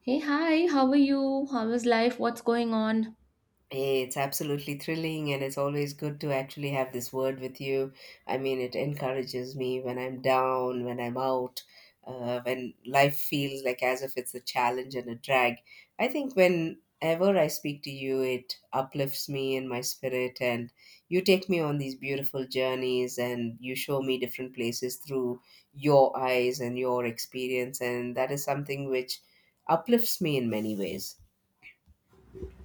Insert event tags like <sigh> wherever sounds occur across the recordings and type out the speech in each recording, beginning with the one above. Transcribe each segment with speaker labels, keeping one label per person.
Speaker 1: Hey, hi, how are you? How is life? What's going on?
Speaker 2: It's absolutely thrilling, and it's always good to actually have this word with you. I mean, it encourages me when I'm down, when I'm out, when life feels like as if it's a challenge and a drag. I think whenever I speak to you, it uplifts me in my spirit, and you take me on these beautiful journeys and you show me different places through your eyes and your experience, and that is something which uplifts me in many ways.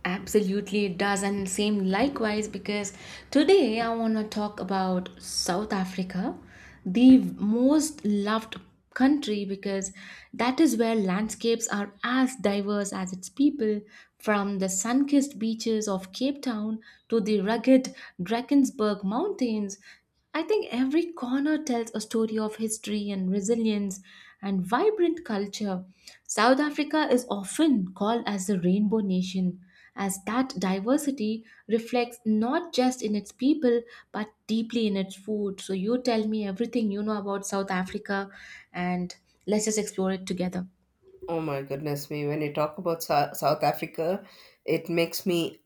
Speaker 1: Absolutely, it does, and same likewise. Because today I want to talk about South Africa, the most loved country, because that is where landscapes are as diverse as its people, from the sun-kissed beaches of Cape Town to the rugged Drakensberg Mountains. I think every corner tells a story of history and resilience and vibrant culture. South Africa is often called as the Rainbow Nation as that diversity reflects not just in its people but deeply in its food. So, you tell me everything you know about South Africa and let's just explore it together.
Speaker 2: Oh my goodness me, when you talk about South Africa, it makes me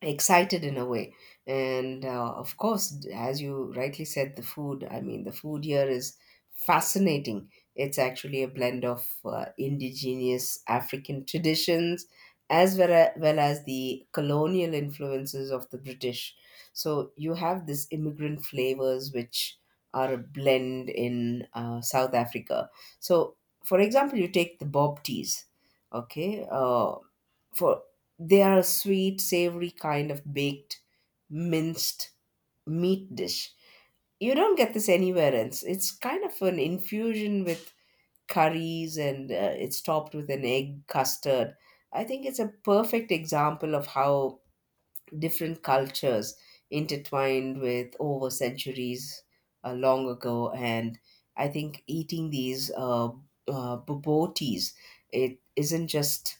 Speaker 2: excited in a way and of course, as you rightly said, the food, I mean, the food here is fascinating. It's actually a blend of indigenous African traditions as well as the colonial influences of the British. So you have this immigrant flavors which are a blend in South Africa. So for example, you take the bob teas. Okay. For they are a sweet, savory kind of baked minced meat dish. You don't get this anywhere else. It's kind of an infusion with curries, and it's topped with an egg custard. I think it's a perfect example of how different cultures intertwined with over centuries long ago. And I think eating these bobotis, it isn't just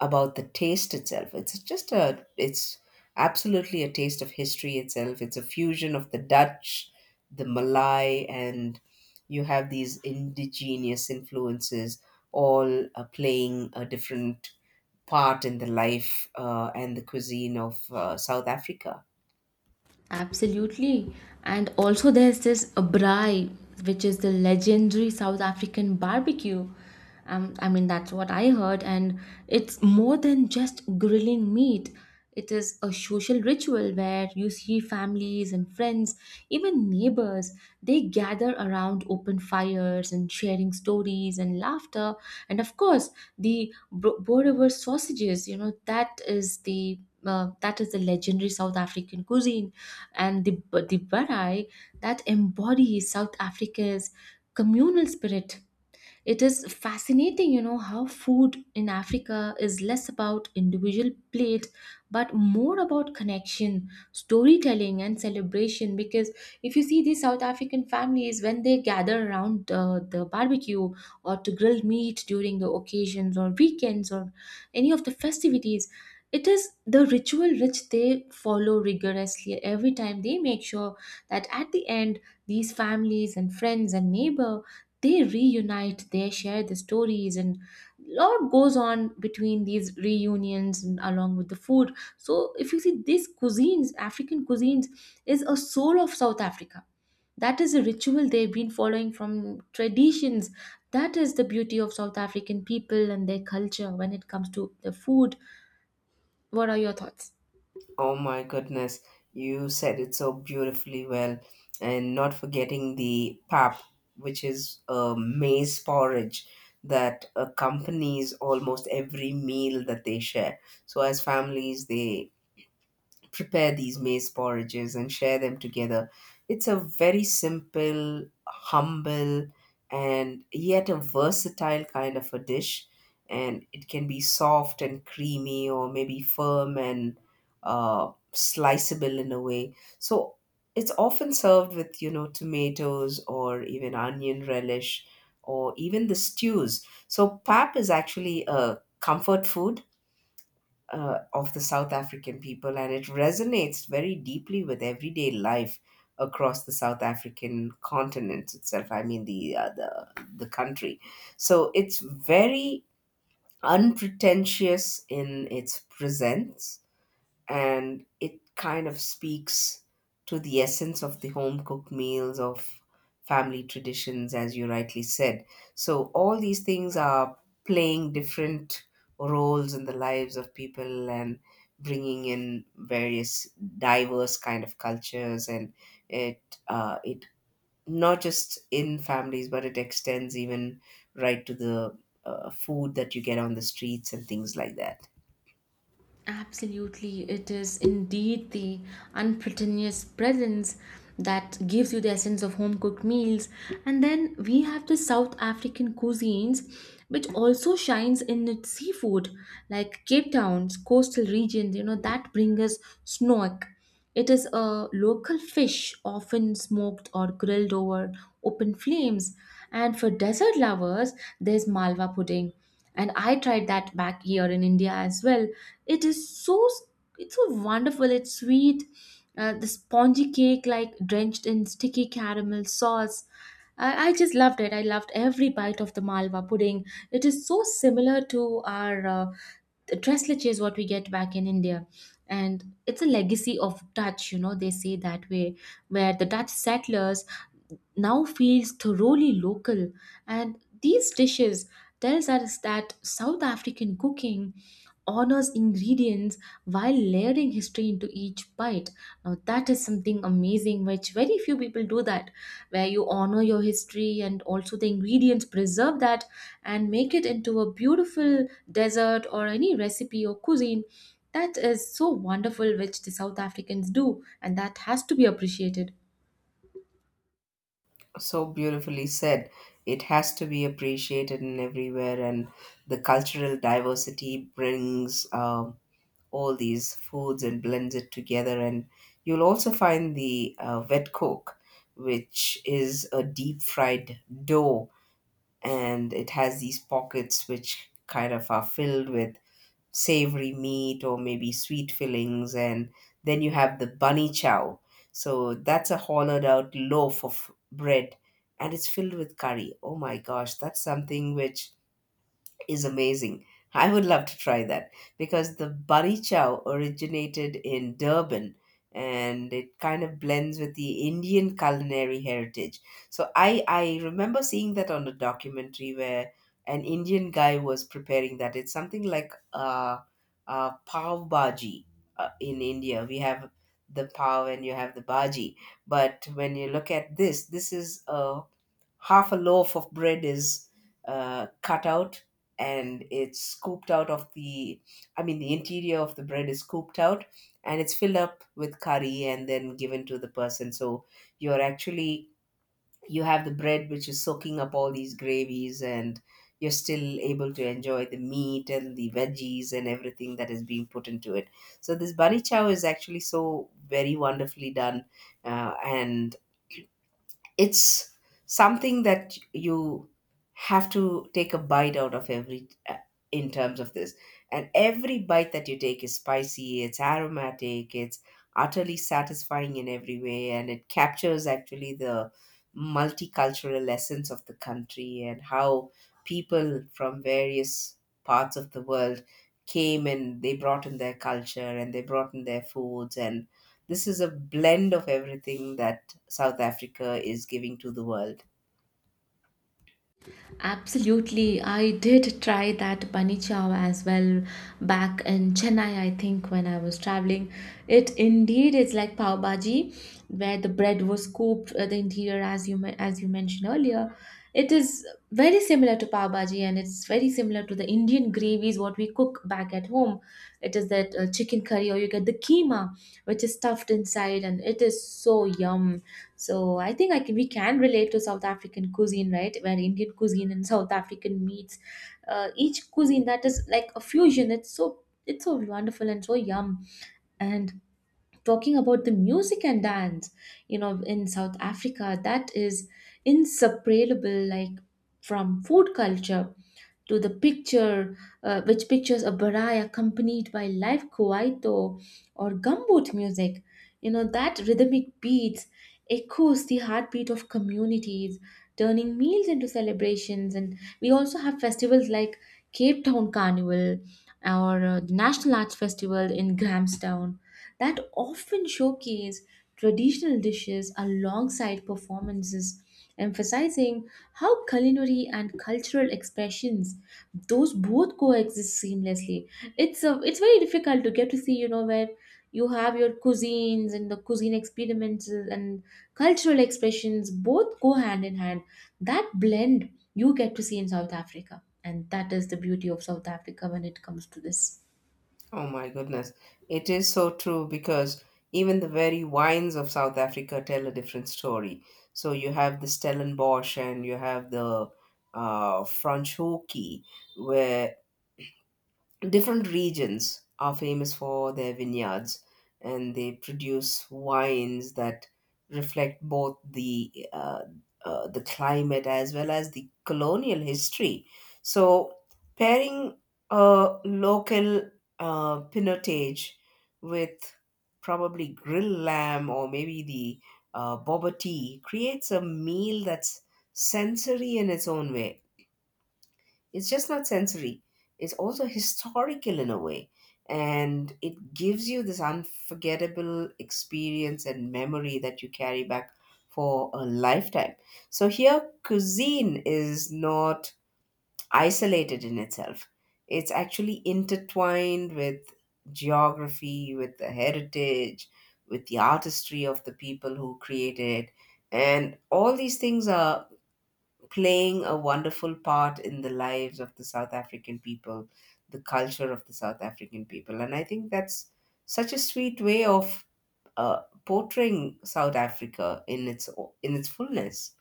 Speaker 2: about the taste itself. It's absolutely a taste of history itself. It's a fusion of the Dutch, the Malay, and you have these indigenous influences all playing a different part in the life and the cuisine of South Africa.
Speaker 1: Absolutely. And also, there's this abrai, which is the legendary South African barbecue. I mean, that's what I heard. And it's more than just grilling meat, it is a social ritual where you see families and friends, even neighbors, they gather around open fires and sharing stories and laughter. And of course, the Boer sausages, you know, that is the that is the legendary South African cuisine, and the barai that embodies South Africa's communal spirit. It is fascinating, you know, how food in Africa is less about individual plate but more about connection, storytelling, and celebration. Because if you see these South African families, when they gather around the barbecue or to grill meat during the occasions or weekends or any of the festivities, it is the ritual which they follow rigorously every time. They make sure that at the end these families and friends and neighbor, they reunite, they share the stories, and a lot goes on between these reunions and along with the food. So if you see these cuisines, African cuisines is a soul of South Africa. That is a ritual they've been following from traditions. That is the beauty of South African people and their culture when it comes to the food. What are your thoughts?
Speaker 2: Oh my goodness, you said it so beautifully well. And not forgetting the pap, which is a maize porridge that accompanies almost every meal that they share. So, as families, they prepare these maize porridges and share them together. It's a very simple, humble, and yet a versatile kind of a dish. And it can be soft and creamy, or maybe firm and sliceable in a way. So it's often served with, you know, tomatoes or even onion relish or even the stews. So pap is actually a comfort food of the South African people, and it resonates very deeply with everyday life across the South African continent itself. I mean, the country. So it's very unpretentious in its presence, and it kind of speaks to the essence of the home cooked meals of family traditions, as you rightly said. So all these things are playing different roles in the lives of people and bringing in various diverse kind of cultures, and it it not just in families, but it extends even right to the food that you get on the streets and things like that.
Speaker 1: Absolutely, it is indeed the unpretentious presence that gives you the essence of home cooked meals. And then we have the South African cuisines, which also shines in its seafood, like Cape Town's coastal regions, you know, that bring us snoek. It is a local fish, often smoked or grilled over open flames. And for dessert lovers, there's malwa pudding, and I tried that back here in India as well. It is so, it's so wonderful, it's sweet. The spongy cake like drenched in sticky caramel sauce, I just loved it. I loved every bite of the malwa pudding. It is so similar to our the dress leche is what we get back in India. And it's a legacy of Dutch, you know, they say that way, where the Dutch settlers now feels thoroughly local. And these dishes tells us that South African cooking honors ingredients while layering history into each bite. Now that is something amazing which very few people do that, where you honor your history and also the ingredients preserve that and make it into a beautiful dessert or any recipe or cuisine. That is so wonderful which the South Africans do, and that has to be appreciated.
Speaker 2: So beautifully said. It has to be appreciated in everywhere, and the cultural diversity brings all these foods and blends it together. And you'll also find the wet coke, which is a deep fried dough, and it has these pockets which kind of are filled with savory meat or maybe sweet fillings. And then you have the bunny chow. So that's a hollowed out loaf of bread, and it's filled with curry. Oh my gosh, that's something which is amazing. I would love to try that because the bari chow originated in Durban, and it kind of blends with the Indian culinary heritage. So I remember seeing that on a documentary where an Indian guy was preparing that. It's something like pav bhaji in India. We have the pav and you have the bhaji, but when you look at this, this is a half a loaf of bread is cut out, and it's scooped out of the, I mean, the interior of the bread is scooped out and it's filled up with curry and then given to the person. So you're actually, you have the bread which is soaking up all these gravies, and you're still able to enjoy the meat and the veggies and everything that is being put into it. So this bari chow is actually so very wonderfully done, and it's something that you have to take a bite out of every in terms of this, and every bite that you take is spicy, it's aromatic, it's utterly satisfying in every way, and it captures actually the multicultural essence of the country and how people from various parts of the world came and they brought in their culture and they brought in their foods, and this is a blend of everything that South Africa is giving to the world.
Speaker 1: Absolutely. I did try that bunny chow as well back in Chennai, I think, when I was traveling. It indeed is like pav bhaji, where the bread was cooked the interior, as you as you mentioned earlier. It is very similar to pav bhaji, and it's very similar to the Indian gravies what we cook back at home. It is that chicken curry, or you get the keema, which is stuffed inside, and it is so yum. So I think I can, we can relate to South African cuisine, right? Where Indian cuisine and South African meets, each cuisine that is like a fusion. It's so, it's so wonderful and so yum. And talking about the music and dance, you know, in South Africa that is inseparable, like from food culture to the picture, which pictures a barai accompanied by live kwaito or gumboot music. You know, that rhythmic beats echoes the heartbeat of communities, turning meals into celebrations. And we also have festivals like Cape Town Carnival or the National Arts Festival in Grahamstown that often showcase traditional dishes alongside performances, emphasizing how culinary and cultural expressions, those both coexist seamlessly. It's very difficult to get to see, you know, where you have your cuisines and the cuisine experiments and cultural expressions both go hand in hand. That blend you get to see in South Africa. And that is the beauty of South Africa when it comes to this.
Speaker 2: Oh my goodness. It is so true because even the very wines of South Africa tell a different story. So you have the Stellenbosch and you have the Franschhoek, where different regions are famous for their vineyards and they produce wines that reflect both the climate as well as the colonial history. So pairing a local pinotage with probably grilled lamb or maybe the boba tea creates a meal that's sensory in its own way. It's just not sensory, it's also historical in a way. And it gives you this unforgettable experience and memory that you carry back for a lifetime. So here, cuisine is not isolated in itself, it's actually intertwined with geography, with the heritage, with the artistry of the people who created it. And all these things are playing a wonderful part in the lives of the South African people, the culture of the South African people. And I think that's such a sweet way of portraying South Africa in its, in its fullness.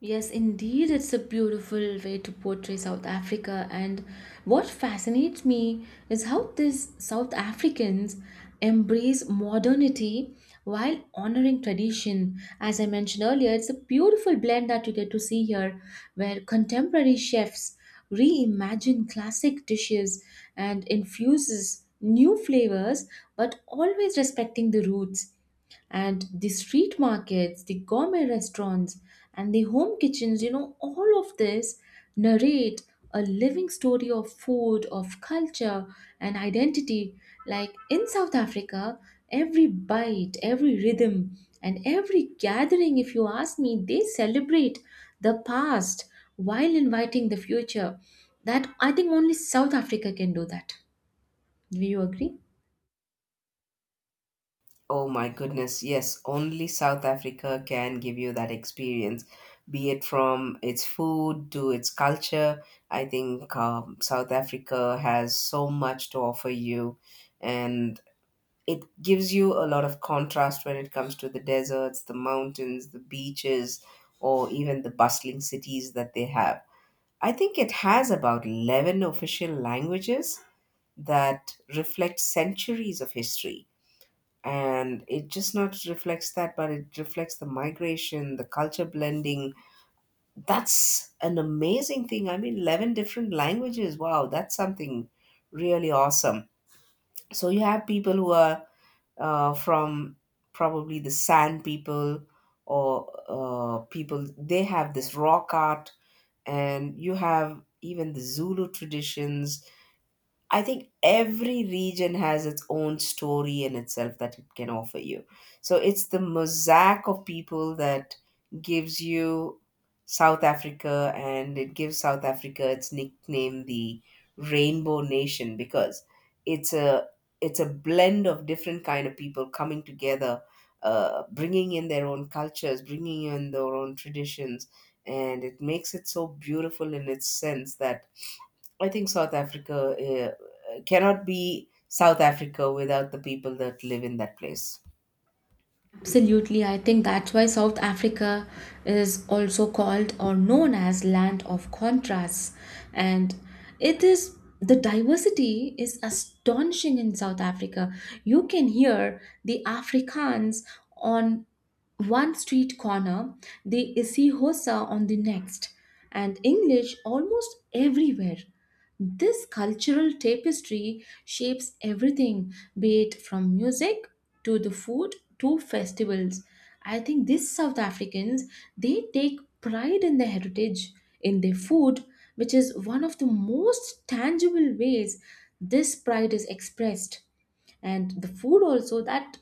Speaker 1: Yes, indeed, it's a beautiful way to portray South Africa. And what fascinates me is how these South Africans embrace modernity while honoring tradition. As I mentioned earlier, it's a beautiful blend that you get to see here, where contemporary chefs reimagine classic dishes and infuses new flavors, but always respecting the roots, and the street markets, the gourmet restaurants, and the home kitchens, you know, all of this narrate a living story of food, of culture, and identity. Like in South Africa, every bite, every rhythm, and every gathering, if you ask me, they celebrate the past while inviting the future. That I think only South Africa can do that. Do you agree?
Speaker 2: Oh my goodness, yes, only South Africa can give you that experience, be it from its food to its culture. I think South Africa has so much to offer you, and it gives you a lot of contrast when it comes to the deserts, the mountains, the beaches, or even the bustling cities that they have. I think it has about 11 official languages that reflect centuries of history. And it just not reflects that, but it reflects the migration, the culture blending. That's an amazing thing. I mean, 11 different languages. Wow, that's something really awesome. So you have people who are from probably the Sand people or people. They have this rock art, and you have even the Zulu traditions. I think every region has its own story in itself that it can offer you. So it's the mosaic of people that gives you South Africa, and it gives South Africa its nickname, the Rainbow Nation, because it's a it's a blend of different kind of people coming together, bringing in their own cultures, bringing in their own traditions, and it makes it so beautiful in its sense that I think South Africa cannot be South Africa without the people that live in that place.
Speaker 1: Absolutely, I think that's why South Africa is also called or known as land of contrasts. And it is, the diversity is astonishing in South Africa. You can hear the Afrikaans on one street corner, they Isihosa on the next, and English almost everywhere. This cultural tapestry shapes everything, be it from music to the food to festivals. I think these South Africans, they take pride in their heritage, in their food, which is one of the most tangible ways this pride is expressed, and the food also that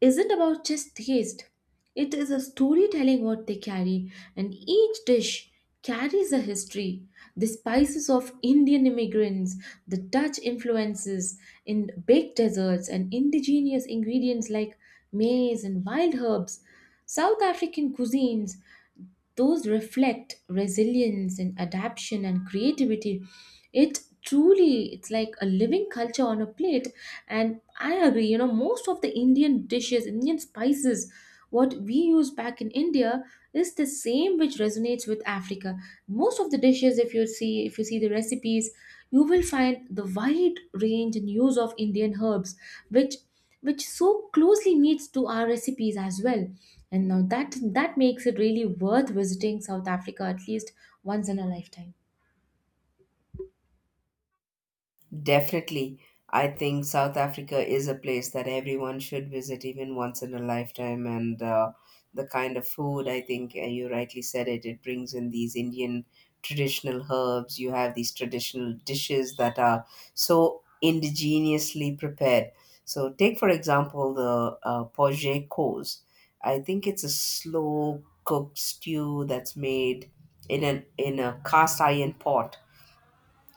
Speaker 1: isn't about just taste. It is a storytelling what they carry, and each dish carries a history. The spices of Indian immigrants, the Dutch influences in baked desserts, and indigenous ingredients like maize and wild herbs, South African cuisines, those reflect resilience and adaptation and creativity. It truly, it's like a living culture on a plate. And I agree, you know, most of the Indian dishes, Indian spices what we use back in India is the same which resonates with Africa. Most of the dishes, if you see, if you see the recipes, you will find the wide range and use of Indian herbs which which so closely meets to our recipes as well. And now that, that makes it really worth visiting South Africa at least once in a lifetime.
Speaker 2: Definitely. I think South Africa is a place that everyone should visit even once in a lifetime. And the kind of food, I think, you rightly said it, it brings in these Indian traditional herbs. You have these traditional dishes that are so indigenously prepared. So, take for example the poje kos. I think it's a slow cooked stew that's made in a cast iron pot,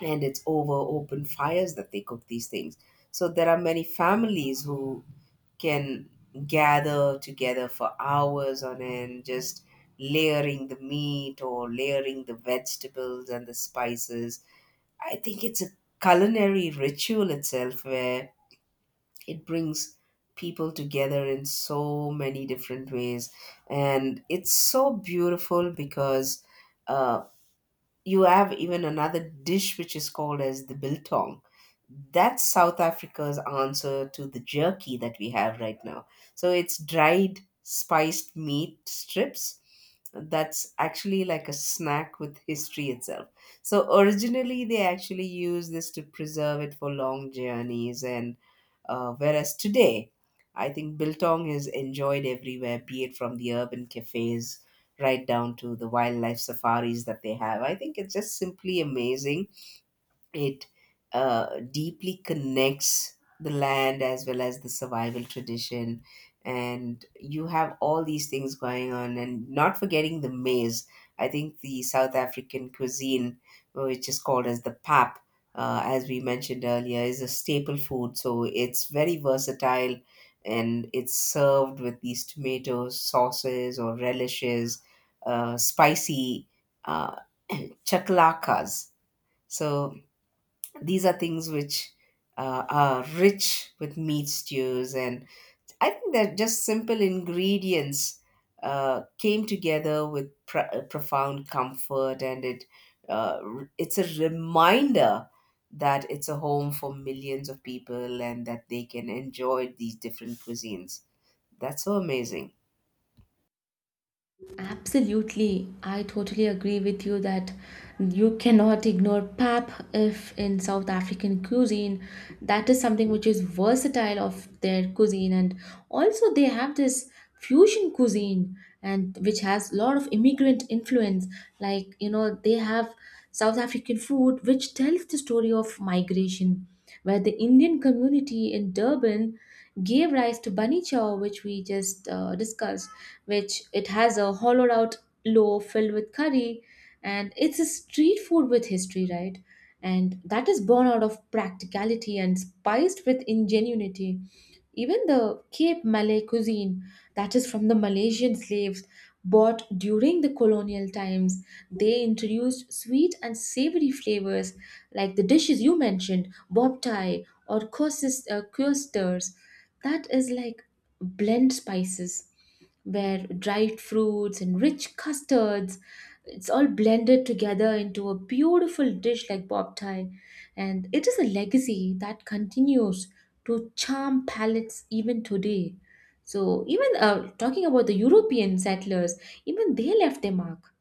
Speaker 2: and it's over open fires that they cook these things. So there are many families who can gather together for hours on end, just layering the meat or layering the vegetables and the spices. I think it's a culinary ritual itself where it brings people together in so many different ways. And it's so beautiful because. Uh, you have even another dish which is called as the biltong. That's South Africa's answer to the jerky that we have right now. So it's dried spiced meat strips. That's actually like a snack with history itself. So originally they actually used this to preserve it for long journeys and whereas today, I think biltong is enjoyed everywhere, be it from the urban cafes right down to the wildlife safaris that they have. I think it's just simply amazing. It deeply connects the land as well as the survival tradition, and you have all these things going on, and not forgetting the maize. I think the South African cuisine, which is called as the pap, as we mentioned earlier, is a staple food. So it's very versatile, and it's served with these tomatoes sauces or relishes, spicy uh, chaklakas. So these are things which are rich with meat stews, and I think that just simple ingredients came together with profound comfort, and it it's a reminder that it's a home for millions of people and that they can enjoy these different cuisines. That's so amazing.
Speaker 1: Absolutely. I totally agree with you that you cannot ignore pap if in South African cuisine. That is something which is versatile of their cuisine. And also they have this fusion cuisine and which has a lot of immigrant influence. Like, you know, they have South African food which tells the story of migration, where the Indian community in Durban gave rise to bunny chow, which we just discussed, which it has a hollowed out loaf filled with curry, and it's a street food with history, right? And that is born out of practicality and spiced with ingenuity. Even the Cape Malay cuisine, that is from the Malaysian slaves bought during the colonial times, they introduced sweet and savory flavors like the dishes you mentioned, bob tie or couscous. That is like blend spices where dried fruits and rich custards, it's all blended together into a beautiful dish like bob tie. And it is a legacy that continues to charm palates even today. So even talking about the European settlers, even they left their mark,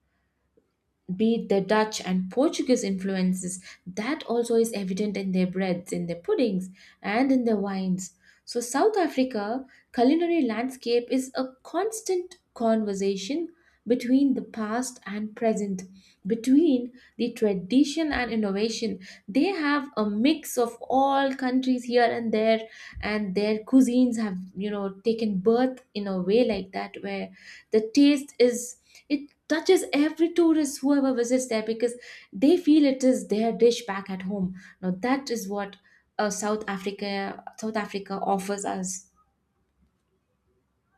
Speaker 1: be it the Dutch and Portuguese influences, that also is evident in their breads, in their puddings, and in their wines. So, South Africa culinary landscape is a constant conversation between the past and present, between the tradition and innovation. They have a mix of all countries here and there, and their cuisines have, you know, taken birth in a way like that, where the taste is, it touches every tourist whoever visits there because they feel it is their dish back at home. Now that is what South Africa, offers us.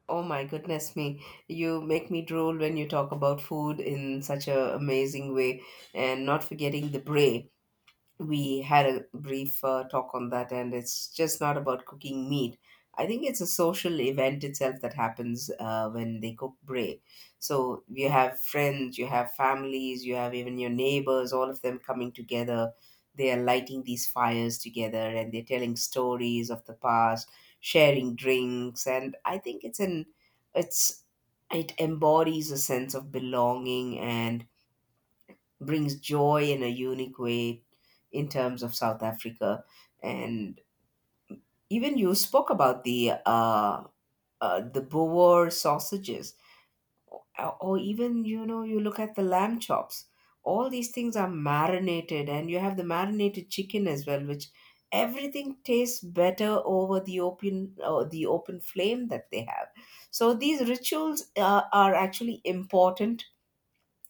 Speaker 2: Oh my goodness me. You make me drool when you talk about food in such a amazing way and not forgetting the bray. We had a brief talk on that, and it's just not about cooking meat. I think it's a social event itself that happens when they cook bray. So you have friends, you have families, you have even your neighbors, all of them coming together. They are lighting these fires together, and they're telling stories of the past, sharing drinks. And I think it's an it's it embodies a sense of belonging and brings joy in a unique way in terms of South Africa. And even you spoke about the Boer sausages, or, or even, you know, you look at the lamb chops. All these things are marinated, and you have the marinated chicken as well, which everything tastes better over the open flame that they have. So these rituals are actually important,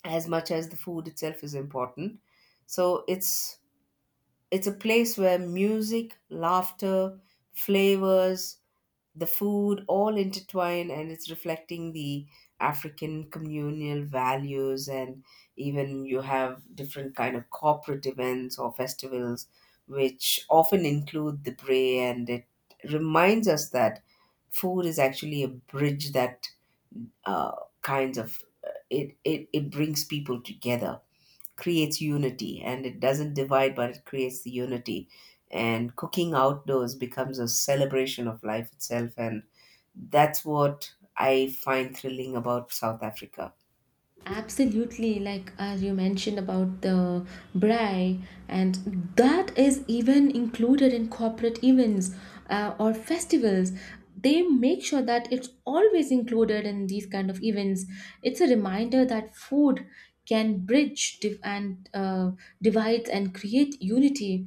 Speaker 2: as much as the food itself is important. So it's It's a place where music, laughter, flavors, the food all intertwine, and it's reflecting the African communal values. And even you have different kind of corporate events or festivals which often include the bray, and it reminds us that food is actually a bridge that uh, kinds of it, it it brings people together, creates unity, and it doesn't divide but it creates the unity. And cooking outdoors becomes a celebration of life itself, and that's what I find thrilling about South Africa.
Speaker 1: Absolutely, like as you mentioned about the braai, and that is even included in corporate events or festivals. They make sure that it's always included in these kind of events. It's a reminder that food can bridge div- and divides and create unity.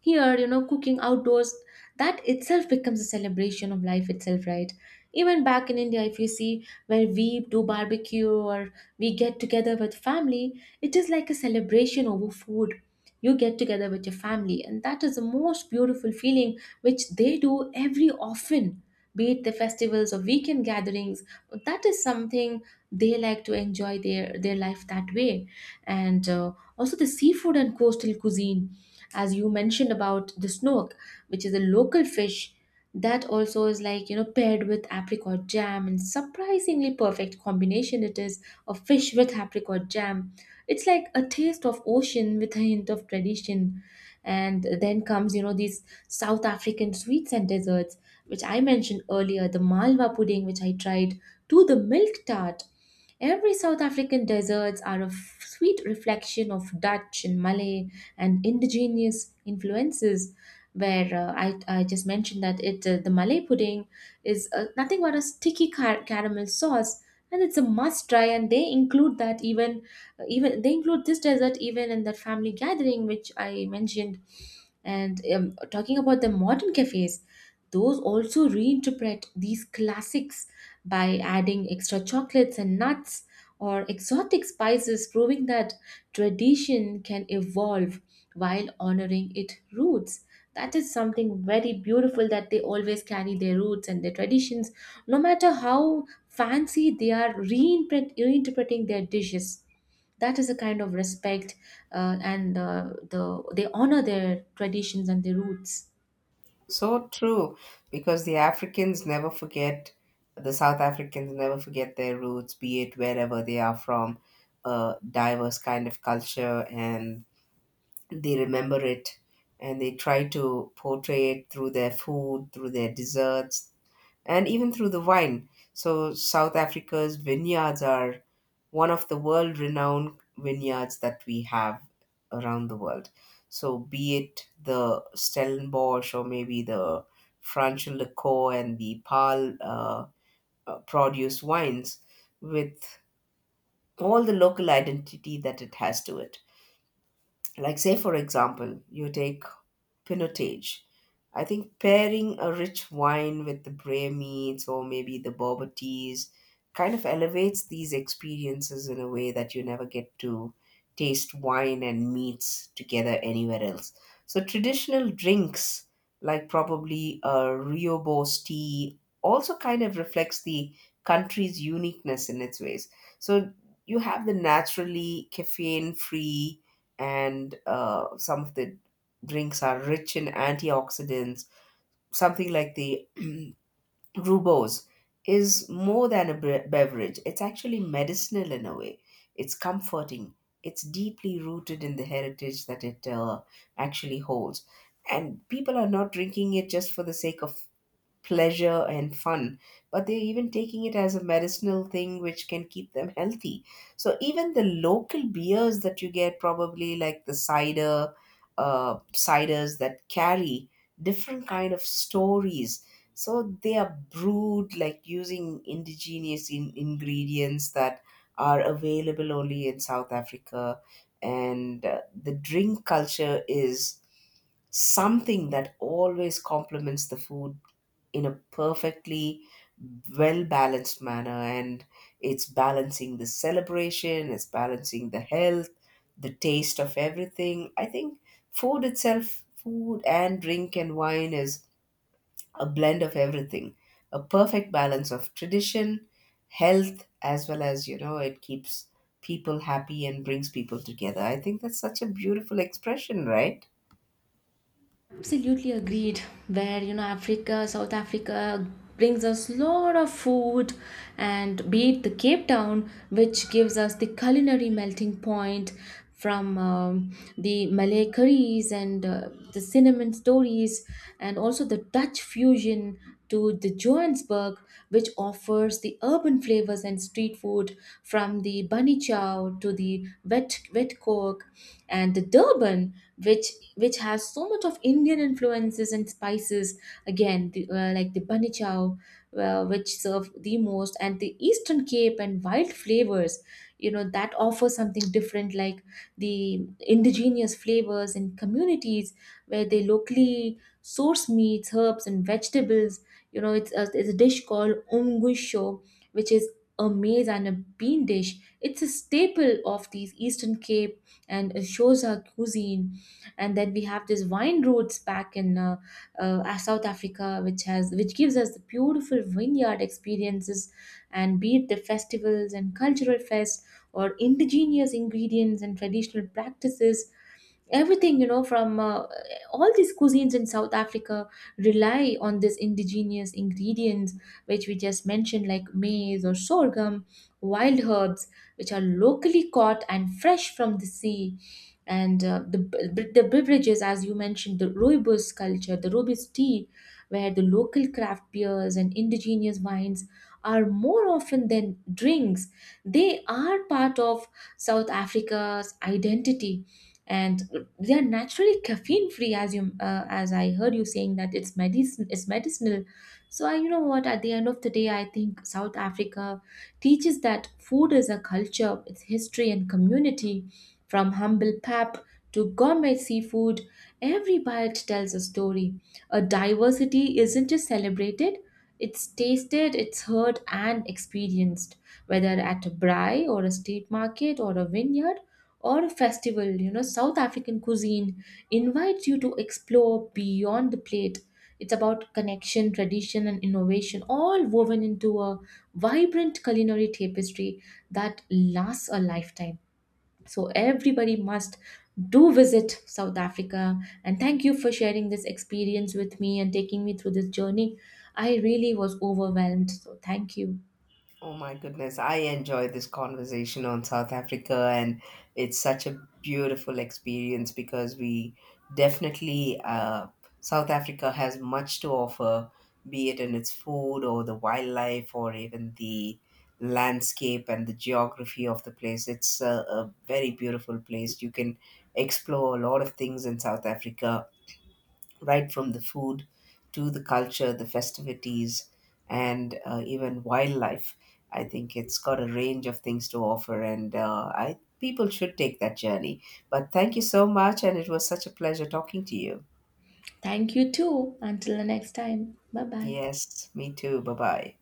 Speaker 1: Here, you know, cooking outdoors, that itself becomes a celebration of life itself, right? Even back in India, if you see, where we do barbecue or we get together with family, it is like a celebration over food. You get together with your family, and that is the most beautiful feeling which they do every often, be it the festivals or weekend gatherings. That is something they like to enjoy their life that way. And Also, the seafood and coastal cuisine, as you mentioned about the snook, which is a local fish, that also is like paired with apricot jam, and surprisingly perfect combination it is, of fish with apricot jam. It's like a taste of ocean with a hint of tradition. And then comes these South African sweets and desserts, which I mentioned earlier, the malwa pudding which I tried, to the milk tart. Every South African desserts are a sweet reflection of Dutch and Malay and indigenous influences, where I just mentioned that it the Malay pudding is nothing but a sticky caramel sauce, and it's a must try, and they include that even even they include this dessert even in that family gathering which I mentioned. And talking about the modern cafes, those also reinterpret these classics by adding extra chocolates and nuts or exotic spices, proving that tradition can evolve while honoring its roots. That is something very beautiful, that they always carry their roots and their traditions, no matter how fancy they are reinterpreting their dishes. That is a kind of respect, and they honor their traditions and their roots.
Speaker 2: So true, because the Africans never forget, the South Africans never forget their roots, be it wherever they are from, a diverse kind of culture. And they remember it, and they try to portray it through their food, through their desserts, and even through the wine. So South Africa's vineyards are one of the world renowned vineyards that we have around the world. So be it the Stellenbosch or maybe the Franschhoek and the Paarl produce wines with all the local identity that it has to it. Like, say, for example, you take Pinotage. I think pairing a rich wine with the Bray meats or maybe the boba teas kind of elevates these experiences in a way that you never get to taste wine and meats together anywhere else. So traditional drinks like probably a riobos tea also kind of reflects the country's uniqueness in its ways. So you have the naturally caffeine free, and some of the drinks are rich in antioxidants, something like the <clears throat> rubose is more than a beverage. It's actually medicinal in a way. It's comforting. It's deeply rooted in the heritage that it actually holds. And people are not drinking it just for the sake of pleasure and fun, but they're even taking it as a medicinal thing which can keep them healthy. So even the local beers that you get, probably like the cider, ciders that carry different kind of stories. So they are brewed like using indigenous ingredients that are available only in South Africa. And the drink culture is something that always complements the food in a perfectly well balanced manner. And it's balancing the celebration, it's balancing the health, the taste of everything. I think food itself, food and drink and wine, is a blend of everything, a perfect balance of tradition, health, as well as, you know, it keeps people happy and brings people together. I think that's such a beautiful expression, right?
Speaker 1: Absolutely agreed. Where you know, Africa, South Africa brings us lot of food, and be it the Cape Town, which gives us the culinary melting point from the Malay curries, and the cinnamon stories, and also the Dutch fusion, to the Johannesburg, which offers the urban flavors and street food, from the bunny chow to the wet wet cork, and the Durban, which has so much of Indian influences and spices. Again, like the bunny chow, which serve the most, and the Eastern Cape landscape and wild flavors, you know, that offer something different, like the indigenous flavors in communities where they locally source meats, herbs and vegetables. You know, it's a dish called umgusho, which is a maize and a bean dish. It's a staple of these Eastern Cape and Shoza cuisine. And then we have this wine roads back in South Africa, which has which gives us the beautiful vineyard experiences, and be it the festivals and cultural fests or indigenous ingredients and traditional practices. Everything, you know, from all these cuisines in South Africa rely on these indigenous ingredients, which we just mentioned, like maize or sorghum, wild herbs, which are locally caught and fresh from the sea. And the beverages, as you mentioned, the rooibos culture, the rooibos tea, where the local craft beers and indigenous wines are more often than drinks. They are part of South Africa's identity, and they are naturally caffeine free, as you as I heard you saying, that it's medicine it's medicinal. So you know what, at the end of the day, I think South Africa teaches that food is a culture, its history and community. From humble pap to gourmet seafood, every bite tells a story. A diversity isn't just celebrated, it's tasted, it's heard, and experienced, whether at a braai or a street market or a vineyard or a festival. You know, South African cuisine invites you to explore beyond the plate. It's about connection, tradition, and innovation, all woven into a vibrant culinary tapestry that lasts a lifetime. So everybody must do visit South Africa. And thank you for sharing this experience with me and taking me through this journey. I really was overwhelmed. So thank you.
Speaker 2: Oh my goodness, I enjoy this conversation on South Africa, and it's such a beautiful experience because we definitely, South Africa has much to offer, be it in its food or the wildlife or even the landscape and the geography of the place. It's a very beautiful place. You can explore a lot of things in South Africa, right from the food to the culture, the festivities, and even wildlife. I think it's got a range of things to offer, and I people should take that journey. But thank you so much, and it was such a pleasure talking to you.
Speaker 1: Thank you too. Until the next time. Bye bye.
Speaker 2: Yes, me too. Bye bye.